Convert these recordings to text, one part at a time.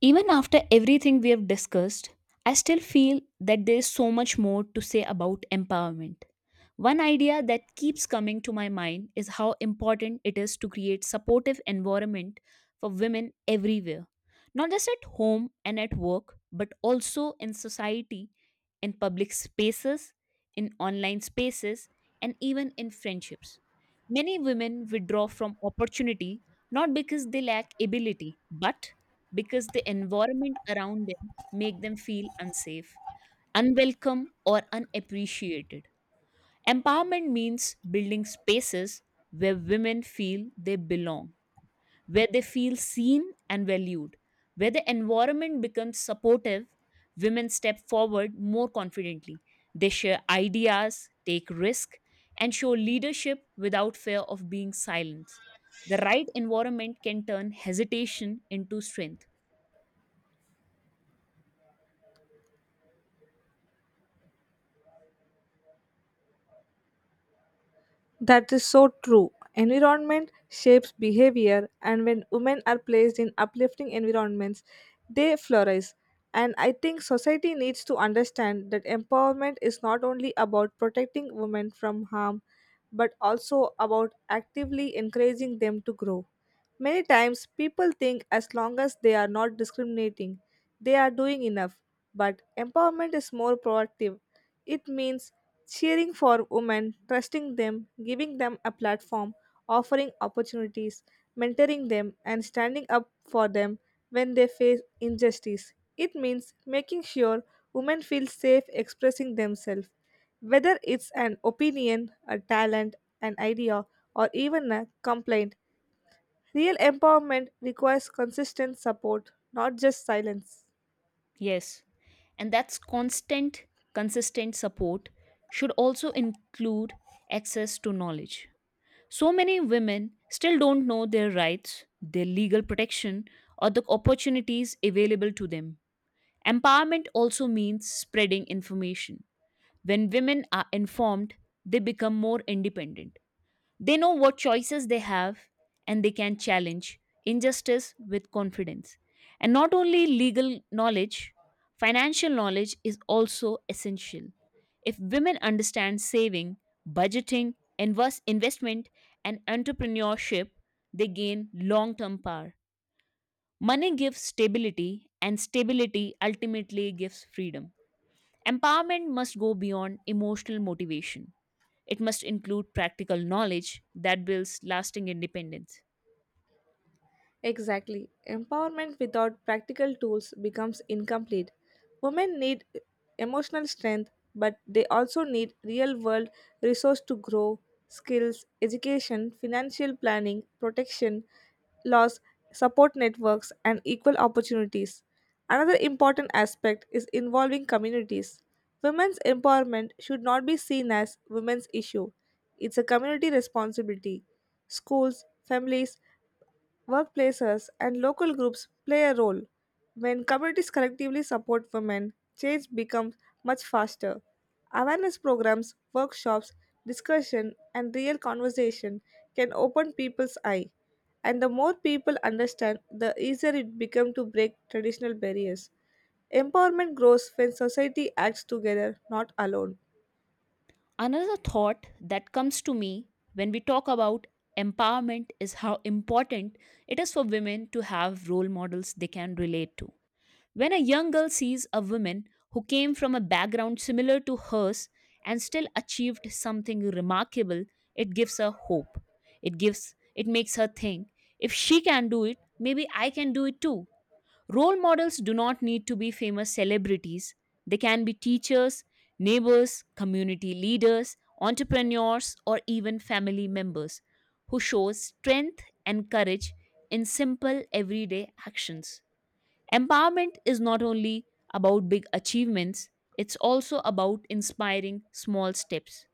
Even after everything we have discussed, I still feel that there is so much more to say about empowerment. One idea that keeps coming to my mind is how important it is to create supportive environment for women everywhere. Not just at home and at work, but also in society, in public spaces, in online spaces, and even in friendships. Many women withdraw from opportunity not because they lack ability, but because the environment around them make them feel unsafe, unwelcome or unappreciated. Empowerment means building spaces where women feel they belong, where they feel seen and valued, where the environment becomes supportive, women step forward more confidently. They share ideas, take risk and show leadership without fear of being silenced. The right environment can turn hesitation into strength. That is so true. Environment shapes behavior, and when women are placed in uplifting environments, they flourish. And I think society needs to understand that empowerment is not only about protecting women from harm, but also about actively encouraging them to grow. Many times, people think as long as they are not discriminating, they are doing enough. But empowerment is more proactive. It means cheering for women, trusting them, giving them a platform, offering opportunities, mentoring them, and standing up for them when they face injustice. It means making sure women feel safe expressing themselves. Whether it's an opinion, a talent, an idea, or even a complaint, real empowerment requires consistent support, not just silence. Yes, and that's consistent support should also include access to knowledge. So many women still don't know their rights, their legal protection, or the opportunities available to them. Empowerment also means spreading information. When women are informed, they become more independent. They know what choices they have and they can challenge injustice with confidence. And not only legal knowledge, financial knowledge is also essential. If women understand saving, budgeting, investment, and entrepreneurship, they gain long term power. Money gives stability, and stability ultimately gives freedom. Empowerment must go beyond emotional motivation. It must include practical knowledge that builds lasting independence. Exactly. Empowerment without practical tools becomes incomplete. Women need emotional strength, but they also need real world resource to grow, skills, education, financial planning, protection, laws, support networks, and equal opportunities. Another important aspect is involving communities. Women's empowerment should not be seen as women's issue. It's a community responsibility. Schools, families, workplaces and local groups play a role. When communities collectively support women, change becomes much faster. Awareness programs, workshops, discussion, and real conversation can open people's eye. And the more people understand, the easier it becomes to break traditional barriers. Empowerment grows when society acts together, not alone. Another thought that comes to me when we talk about empowerment is how important it is for women to have role models they can relate to. When a young girl sees a woman who came from a background similar to hers and still achieved something remarkable, it gives her hope. It makes her think, if she can do it, maybe I can do it too. Role models do not need to be famous celebrities, they can be teachers, neighbors, community leaders, entrepreneurs, or even family members who shows strength and courage in simple everyday actions. Empowerment is not only about big achievements, it's also about inspiring small steps.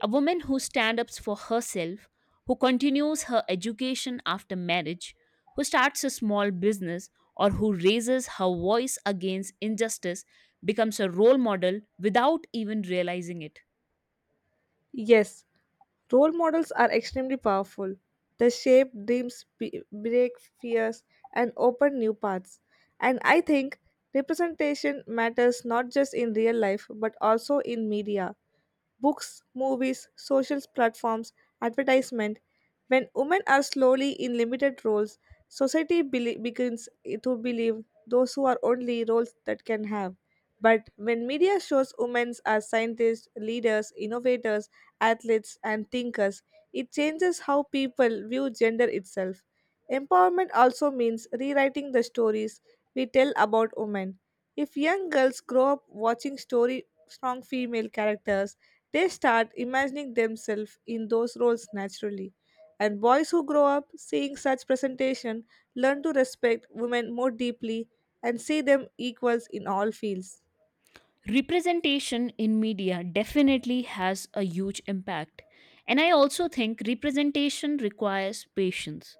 A woman who stands up for herself, who continues her education after marriage, who starts a small business, or who raises her voice against injustice becomes a role model without even realizing it. Yes, role models are extremely powerful. They shape dreams, break fears, and open new paths. And I think representation matters not just in real life but also in media, books, movies, social platforms, advertisement. When women are slowly in limited roles, society begins to believe those who are only roles that can have. But when media shows women as scientists, leaders, innovators, athletes, and thinkers, it changes how people view gender itself. Empowerment also means rewriting the stories we tell about women. If young girls grow up watching story strong female characters, they start imagining themselves in those roles naturally. And boys who grow up seeing such presentation learn to respect women more deeply and see them equals in all fields. Representation in media definitely has a huge impact. And I also think representation requires patience.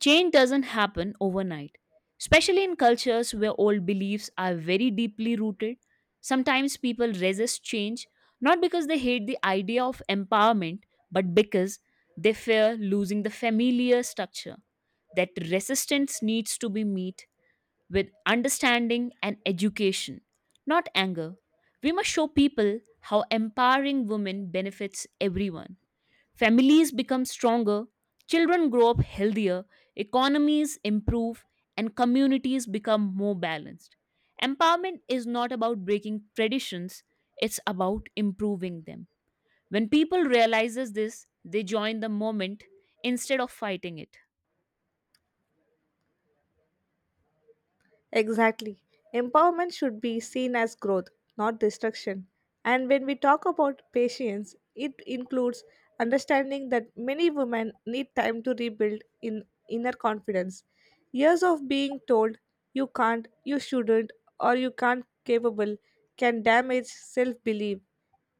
Change doesn't happen overnight, especially in cultures where old beliefs are very deeply rooted. Sometimes people resist change not because they hate the idea of empowerment, but because they fear losing the familiar structure. That resistance needs to be met with understanding and education, not anger. We must show people how empowering women benefits everyone. Families become stronger, children grow up healthier, economies improve, and communities become more balanced. Empowerment is not about breaking traditions, it's about improving them. When people realizes this, they join the moment instead of fighting it. Exactly. Empowerment should be seen as growth, not destruction. And when we talk about patience, it includes understanding that many women need time to rebuild in inner confidence. Years of being told you can't, you shouldn't, or you can't capable can damage self-belief.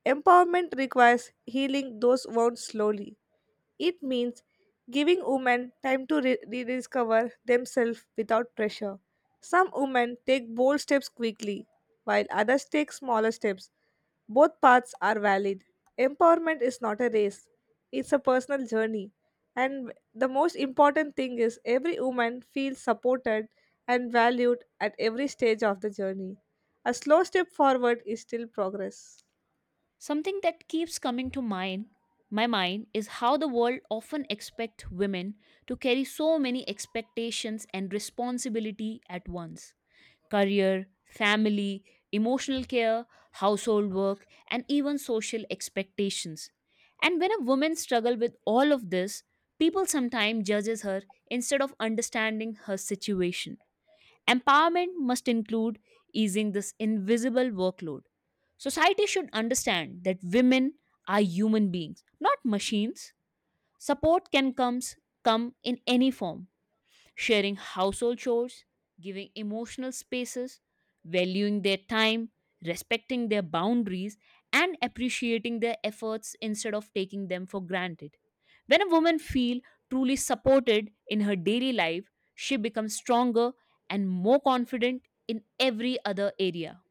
Empowerment requires healing those wounds slowly. It means giving women time to rediscover themselves without pressure. Some women take bold steps quickly, while others take smaller steps. Both paths are valid. Empowerment is not a race, it's a personal journey. And the most important thing is every woman feels supported and valued at every stage of the journey. A slow step forward is still progress. Something that keeps coming to my mind, is how the world often expect women to carry so many expectations and responsibility at once. Career, family, emotional care, household work, and even social expectations. And when a woman struggles with all of this, people sometimes judges her instead of understanding her situation. Empowerment must include easing this invisible workload. Society should understand that women are human beings, not machines. Support can come in any form, sharing household chores, giving emotional spaces, valuing their time, respecting their boundaries, and appreciating their efforts instead of taking them for granted. When a woman feels truly supported in her daily life, she becomes stronger and more confident in every other area.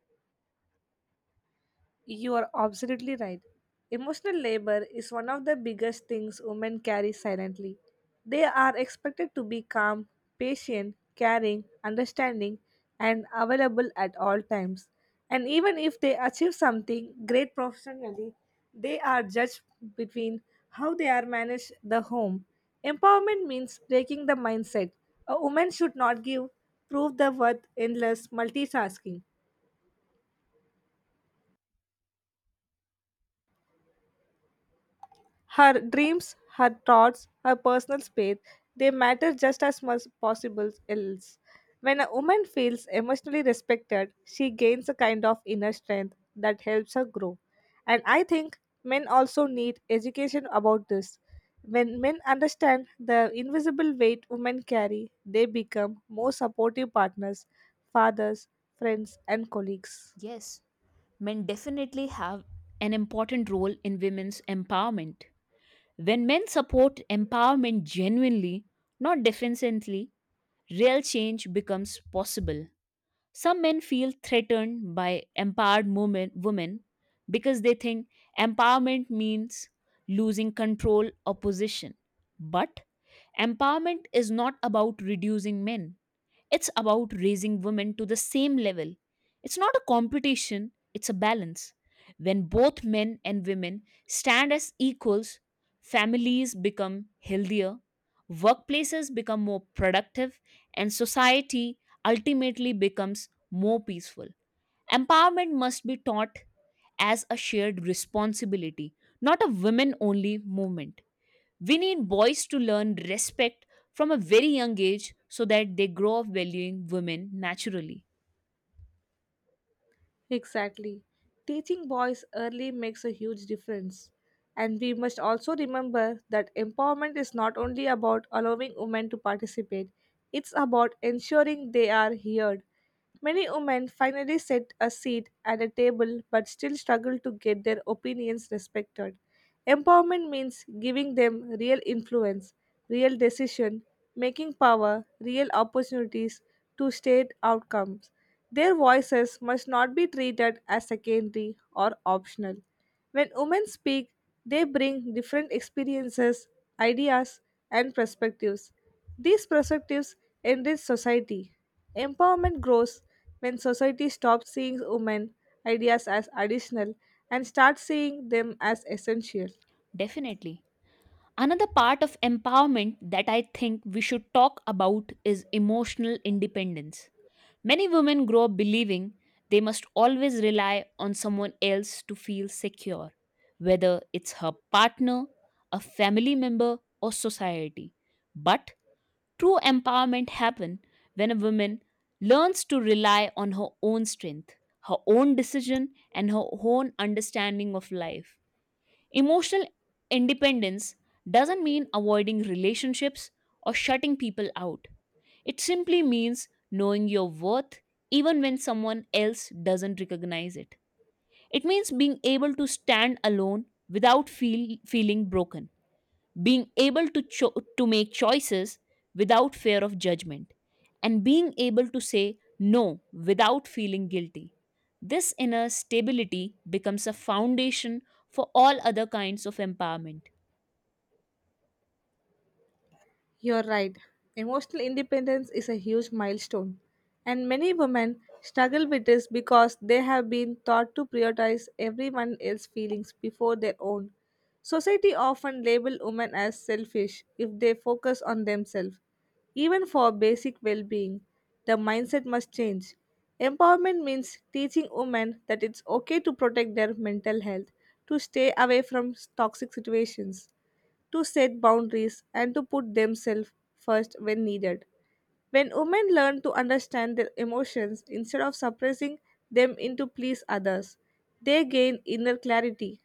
You are absolutely right. Emotional labor is one of the biggest things women carry silently. They are expected to be calm, patient, caring, understanding, and available at all times. And even if they achieve something great professionally, they are judged between how they are manage the home. Empowerment means breaking the mindset. A woman should not give prove the worth endless multitasking. Her dreams, her thoughts, her personal space, they matter just as much possible else. When a woman feels emotionally respected, she gains a kind of inner strength that helps her grow. And I think men also need education about this. When men understand the invisible weight women carry, they become more supportive partners, fathers, friends, and colleagues. Yes, men definitely have an important role in women's empowerment. When men support empowerment genuinely, not defensively, real change becomes possible. Some men feel threatened by empowered women because they think empowerment means losing control or position. But empowerment is not about reducing men, it's about raising women to the same level. It's not a competition, it's a balance. When both men and women stand as equals, families become healthier. Workplaces become more productive, and society ultimately becomes more peaceful. Empowerment must be taught as a shared responsibility, not a women only movement. We need boys to learn respect from a very young age so that they grow up valuing women naturally. Exactly. Teaching boys early makes a huge difference. And we must also remember that empowerment is not only about allowing women to participate, it's about ensuring they are heard. Many women finally set a seat at a table but still struggle to get their opinions respected. Empowerment means giving them real influence, real decision making power, real opportunities to state outcomes. Their voices must not be treated as secondary or optional. When women speak, they bring different experiences, ideas, and perspectives. These perspectives enrich society. Empowerment grows when society stops seeing women ideas as additional and starts seeing them as essential. Definitely. Another part of empowerment that I think we should talk about is emotional independence. Many women grow up believing they must always rely on someone else to feel secure, whether it's her partner, a family member, or society. But true empowerment happens when a woman learns to rely on her own strength, her own decision, and her own understanding of life. Emotional independence doesn't mean avoiding relationships or shutting people out. It simply means knowing your worth even when someone else doesn't recognize it. It means being able to stand alone without feeling broken, being able to make choices without fear of judgment, and being able to say no without feeling guilty. This inner stability becomes a foundation for all other kinds of empowerment. You're right. Emotional independence is a huge milestone, and many women struggle with this because they have been taught to prioritize everyone else's feelings before their own. Society often labels women as selfish if they focus on themselves. Even for basic well being, the mindset must change. Empowerment means teaching women that it's okay to protect their mental health, to stay away from toxic situations, to set boundaries, and to put themselves first when needed. When women learn to understand their emotions instead of suppressing them into please others, they gain inner clarity,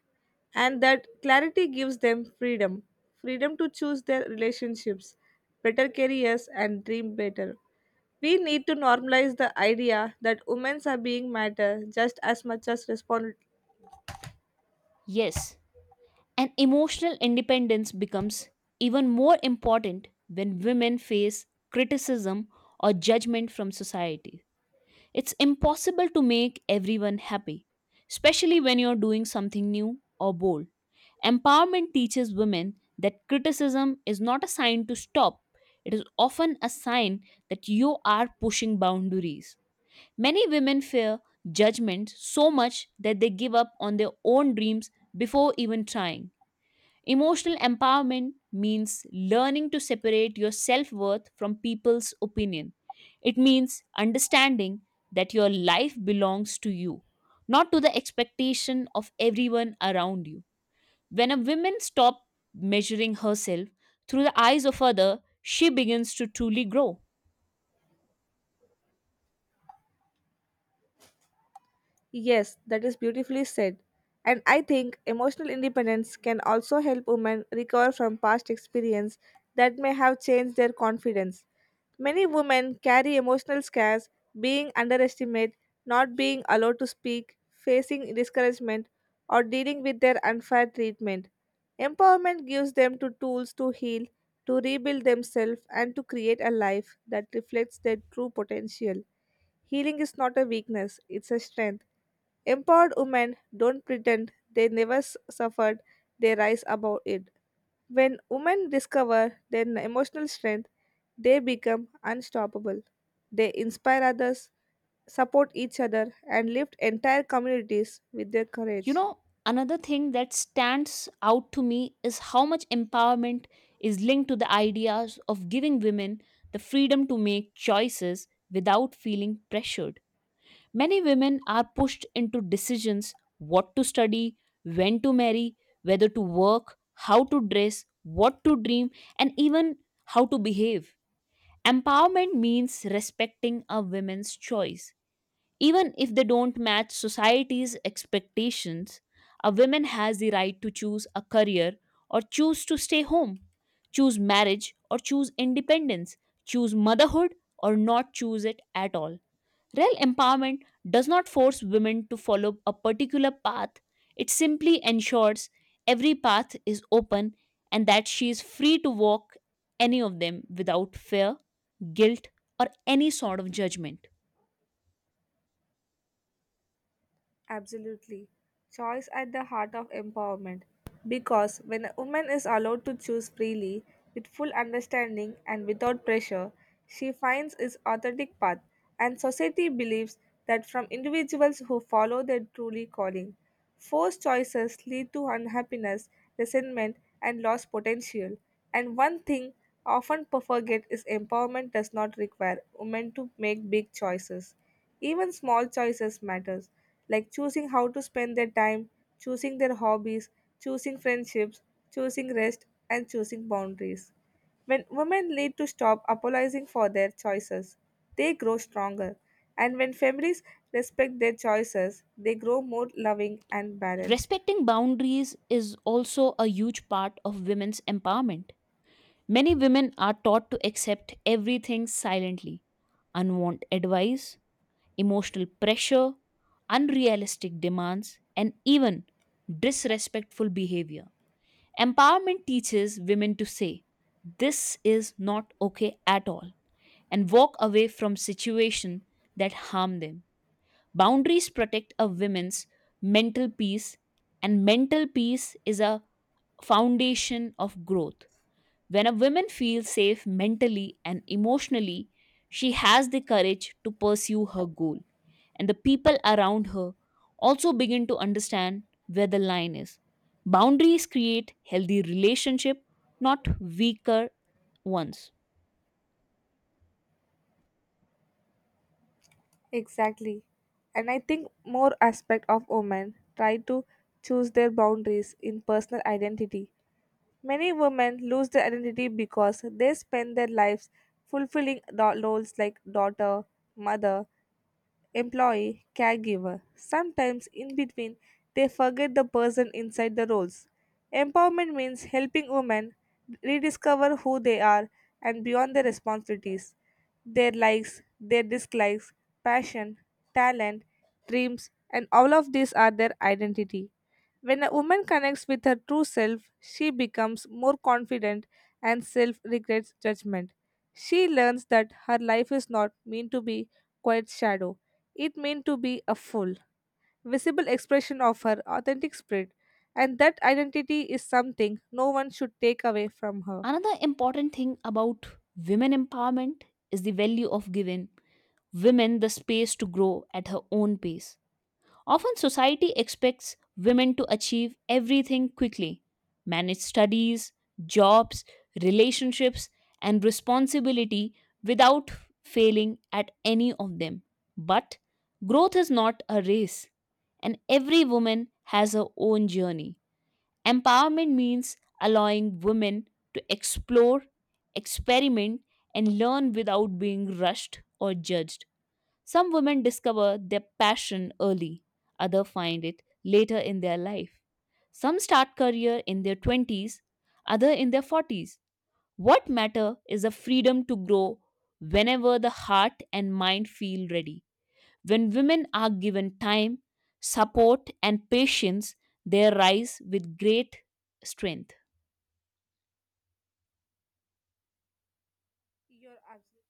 and that clarity gives them freedom, freedom to choose their relationships, better careers, and dream better. We need to normalize the idea that women's are being matter just as much as respon. Yes, and emotional independence becomes even more important when women face criticism or judgment from society. It's impossible to make everyone happy, especially when you're doing something new or bold. Empowerment teaches women that criticism is not a sign to stop, it is often a sign that you are pushing boundaries. Many women fear judgment so much that they give up on their own dreams before even trying. Emotional empowerment means learning to separate your self worth from people's opinion. It means understanding that your life belongs to you, not to the expectation of everyone around you. When a woman stops measuring herself through the eyes of others, she begins to truly grow. Yes, that is beautifully said. And I think emotional independence can also help women recover from past experience that may have changed their confidence. Many women carry emotional scars, being underestimated, not being allowed to speak, facing discouragement, or dealing with their unfair treatment. Empowerment gives them to tools to heal, to rebuild themselves, and to create a life that reflects their true potential. Healing is not a weakness, it's a strength. Empowered women don't pretend they never suffered, they rise above it. When women discover their emotional strength, they become unstoppable. They inspire others, support each other, and lift entire communities with their You courage. know, another thing that stands out to me is how much empowerment is linked to the ideas of giving women the freedom to make choices without feeling pressured. Many women are pushed into decisions, what to study, when to marry, whether to work, how to dress, what to dream, and even how to behave. Empowerment means respecting a woman's choice even if they don't match society's expectations. A woman has the right to choose a career or choose to stay home, choose marriage or choose independence, choose motherhood or not choose it at all. Real empowerment does not force women to follow a particular path, it simply ensures every path is open and that she is free to walk any of them without fear, guilt, or any sort of judgment. Absolutely. Choice at the heart of empowerment. Because when a woman is allowed to choose freely, with full understanding and without pressure, she finds its authentic path, and society believes that from individuals who follow their truly calling. Forced choices lead to unhappiness, resentment, and lost potential. And one thing often forget is empowerment does not require women to make big choices. Even small choices matter, like choosing how to spend their time, choosing their hobbies, choosing friendships, choosing rest, and choosing boundaries. When women lead to stop apologizing for their choices, they grow stronger. And when families respect their choices, they grow more loving and balanced. Respecting boundaries is also a huge part of women's empowerment. Many women are taught to accept everything silently, unwanted advice, emotional pressure, unrealistic demands, and even disrespectful behavior. Empowerment teaches women to say, "This is not okay at all," and walk away from situations that harm them. Boundaries protect a woman's mental peace, and mental peace is a foundation of growth. When a woman feels safe mentally and emotionally, she has the courage to pursue her goal, and the people around her also begin to understand where the line is. Boundaries create healthy relationship, not weaker ones. Exactly. And I think more aspect of women try to choose their boundaries in personal identity. Many women lose their identity because they spend their lives fulfilling roles like daughter, mother, employee, caregiver. Sometimes, in between, they forget the person inside the roles. Empowerment means helping women rediscover who they are and beyond their responsibilities, their likes, their dislikes, passion, talent, dreams, and all of these are their identity. When a woman connects with her true self, she becomes more confident and self regrets judgment. She learns that her life is not meant to be quite shadow. It meant to be a full, visible expression of her authentic spirit, and that identity is something no one should take away from her. Another important thing about women empowerment is the value of giving women the space to grow at her own pace. Often, society expects women to achieve everything quickly, manage studies, jobs, relationships, and responsibility without failing at any of them. But growth is not a race, and every woman has her own journey. Empowerment means allowing women to explore, experiment, and learn without being rushed or judged. Some women discover their passion early, others find it later in their life. Some start career in their 20s, others in their 40s. What matter is the freedom to grow whenever the heart and mind feel ready. When women are given time, support and patience, they rise with great strength. You're absolutely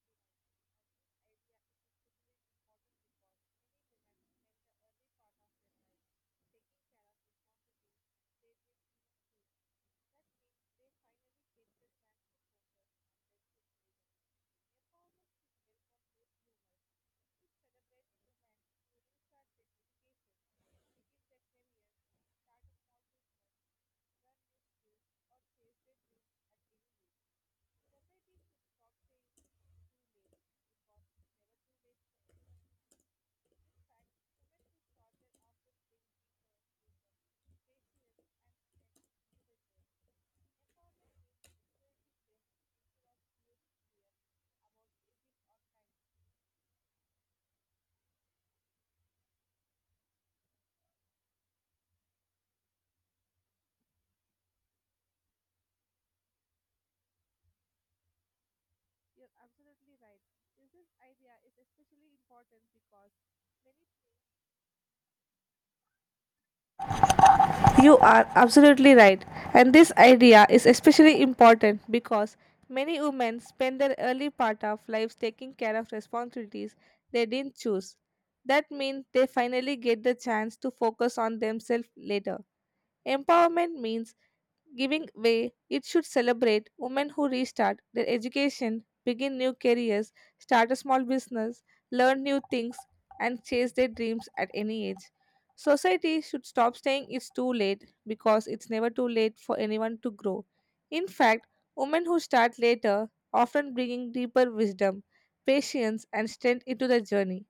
You're absolutely right. This is- idea is especially important because many You are absolutely right, and this idea is especially important because many women spend their early part of lives taking care of responsibilities they didn't choose. That means they finally get the chance to focus on themselves later. Empowerment means giving way, it should celebrate women who restart their education, begin new careers, start a small business, learn new things, and chase their dreams at any age. Society should stop saying it's too late because it's never too late for anyone to grow. In fact, women who start later often bringing deeper wisdom, patience, and strength into the journey.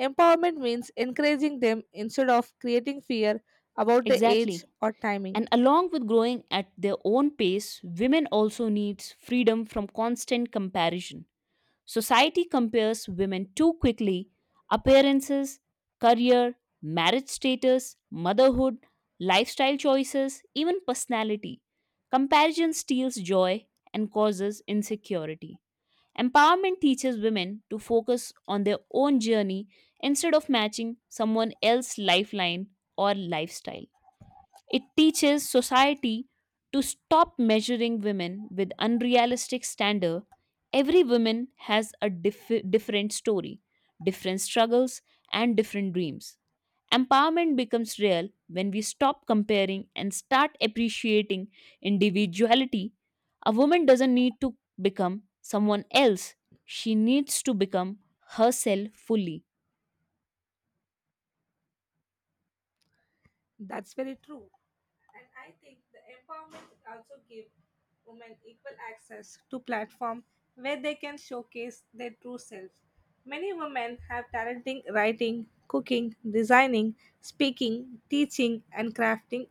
Empowerment means encouraging them instead of creating fear about the age Exactly. or timing. And along with growing at their own pace, women also needs freedom from constant comparison. Society compares women too quickly. Appearances, career, marriage status, motherhood, lifestyle choices, even personality. Comparison steals joy and causes insecurity. Empowerment teaches women to focus on their own journey instead of matching someone else's lifeline or lifestyle. It teaches society to stop measuring women with unrealistic standard. Every woman has a different story, different struggles, and different dreams. Empowerment becomes real when we stop comparing and start appreciating individuality. A woman doesn't need to become someone else, she needs to become herself fully. That's very true. And I think the empowerment also give women equal access to platform where they can showcase their true selves. Many women have talent in writing, cooking, designing, speaking, teaching and crafting,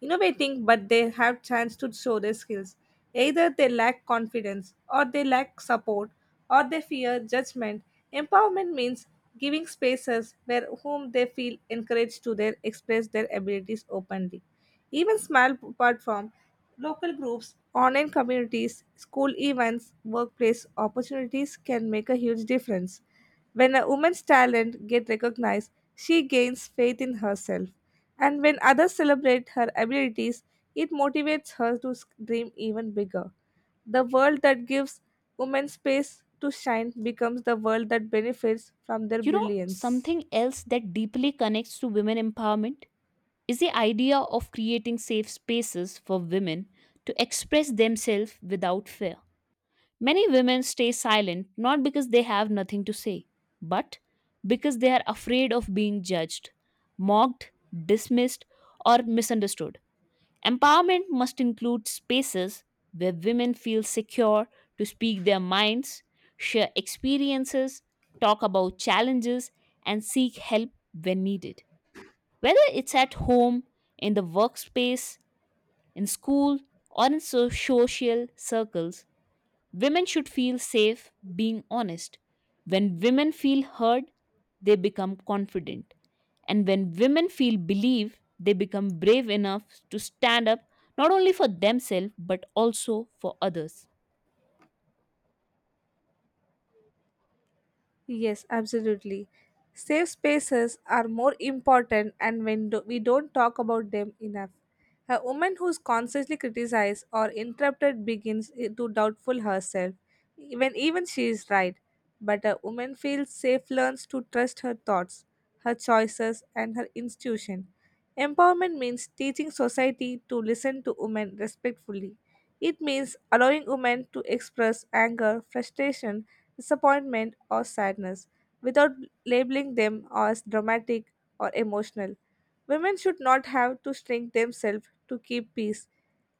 innovating, but they have chance to show their skills. Either they lack confidence or they lack support or they fear judgment. Empowerment means giving spaces where whom they feel encouraged to their express their abilities openly. Even small platform, local groups, online communities, school events, workplace opportunities can make a huge difference. When a woman's talent gets recognized, she gains faith in herself. And when others celebrate her abilities, it motivates her to dream even bigger. The world that gives women space to shine becomes the world that benefits from their You know, brilliance. something else that deeply connects to women empowerment is the idea of creating safe spaces for women to express themselves without fear. Many women stay silent not because they have nothing to say, but because they are afraid of being judged, mocked, dismissed, or misunderstood. Empowerment must include spaces where women feel secure to speak their minds, share experiences, talk about challenges, and seek help when needed. Whether it's at home, in the workspace, in school, or in social circles, women should feel safe being honest. When women feel heard, they become confident. And when women feel believed, they become brave enough to stand up not only for themselves but also for others. Yes, absolutely. Safe spaces are more important, and when we don't talk about them enough, a woman who's constantly criticized or interrupted begins to doubtful herself, when even she is right. But a woman feels safe learns to trust her thoughts, her choices, and her institution. Empowerment means teaching society to listen to women respectfully, it means allowing women to express anger, frustration, disappointment, or sadness without labeling them as dramatic or emotional. Women should not have to shrink themselves to keep peace.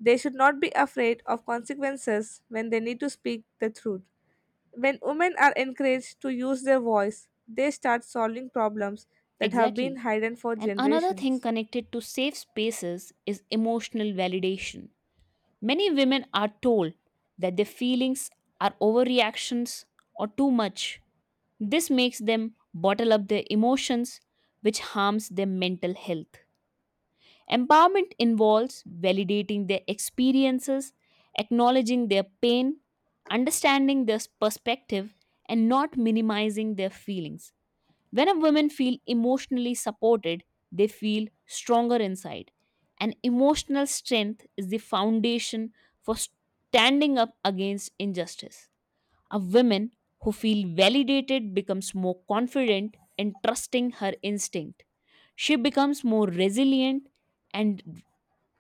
They should not be afraid of consequences when they need to speak the truth. When women are encouraged to use their voice, they start solving problems that have been Exactly. hidden for And another thing generations. connected to safe spaces is emotional validation. Many women are told that their feelings are overreactions or too much. This makes them bottle up their emotions, which harms their mental health. Empowerment involves validating their experiences, acknowledging their pain, understanding their perspective, and not minimizing their feelings. When a woman feel emotionally supported, they feel stronger inside. And emotional strength is the foundation for standing up against injustice. A woman who feel validated becomes more confident in trusting her instinct. She becomes more resilient and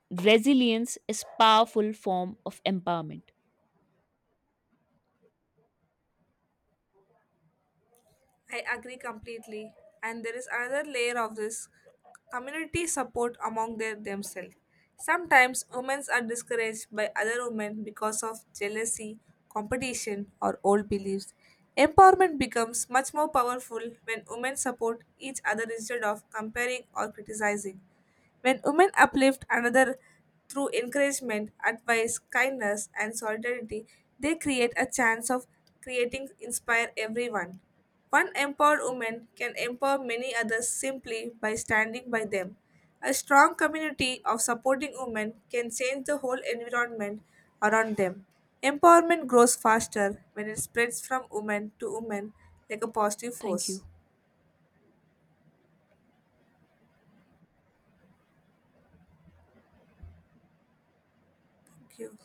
resilience is powerful form of empowerment. I agree completely. And there is another layer of this, community support among their themselves. Sometimes women are discouraged by other women because of jealousy, competition, or old beliefs. Empowerment becomes much more powerful when women support each other instead of comparing or criticizing. When women uplift another through encouragement, advice, kindness, and solidarity, they create a chance of creating inspire everyone. One empowered woman can empower many others simply by standing by them. A strong community of supporting women can change the whole environment around them. Empowerment grows faster when it spreads from woman to woman like a positive Thank force. you. Thank you.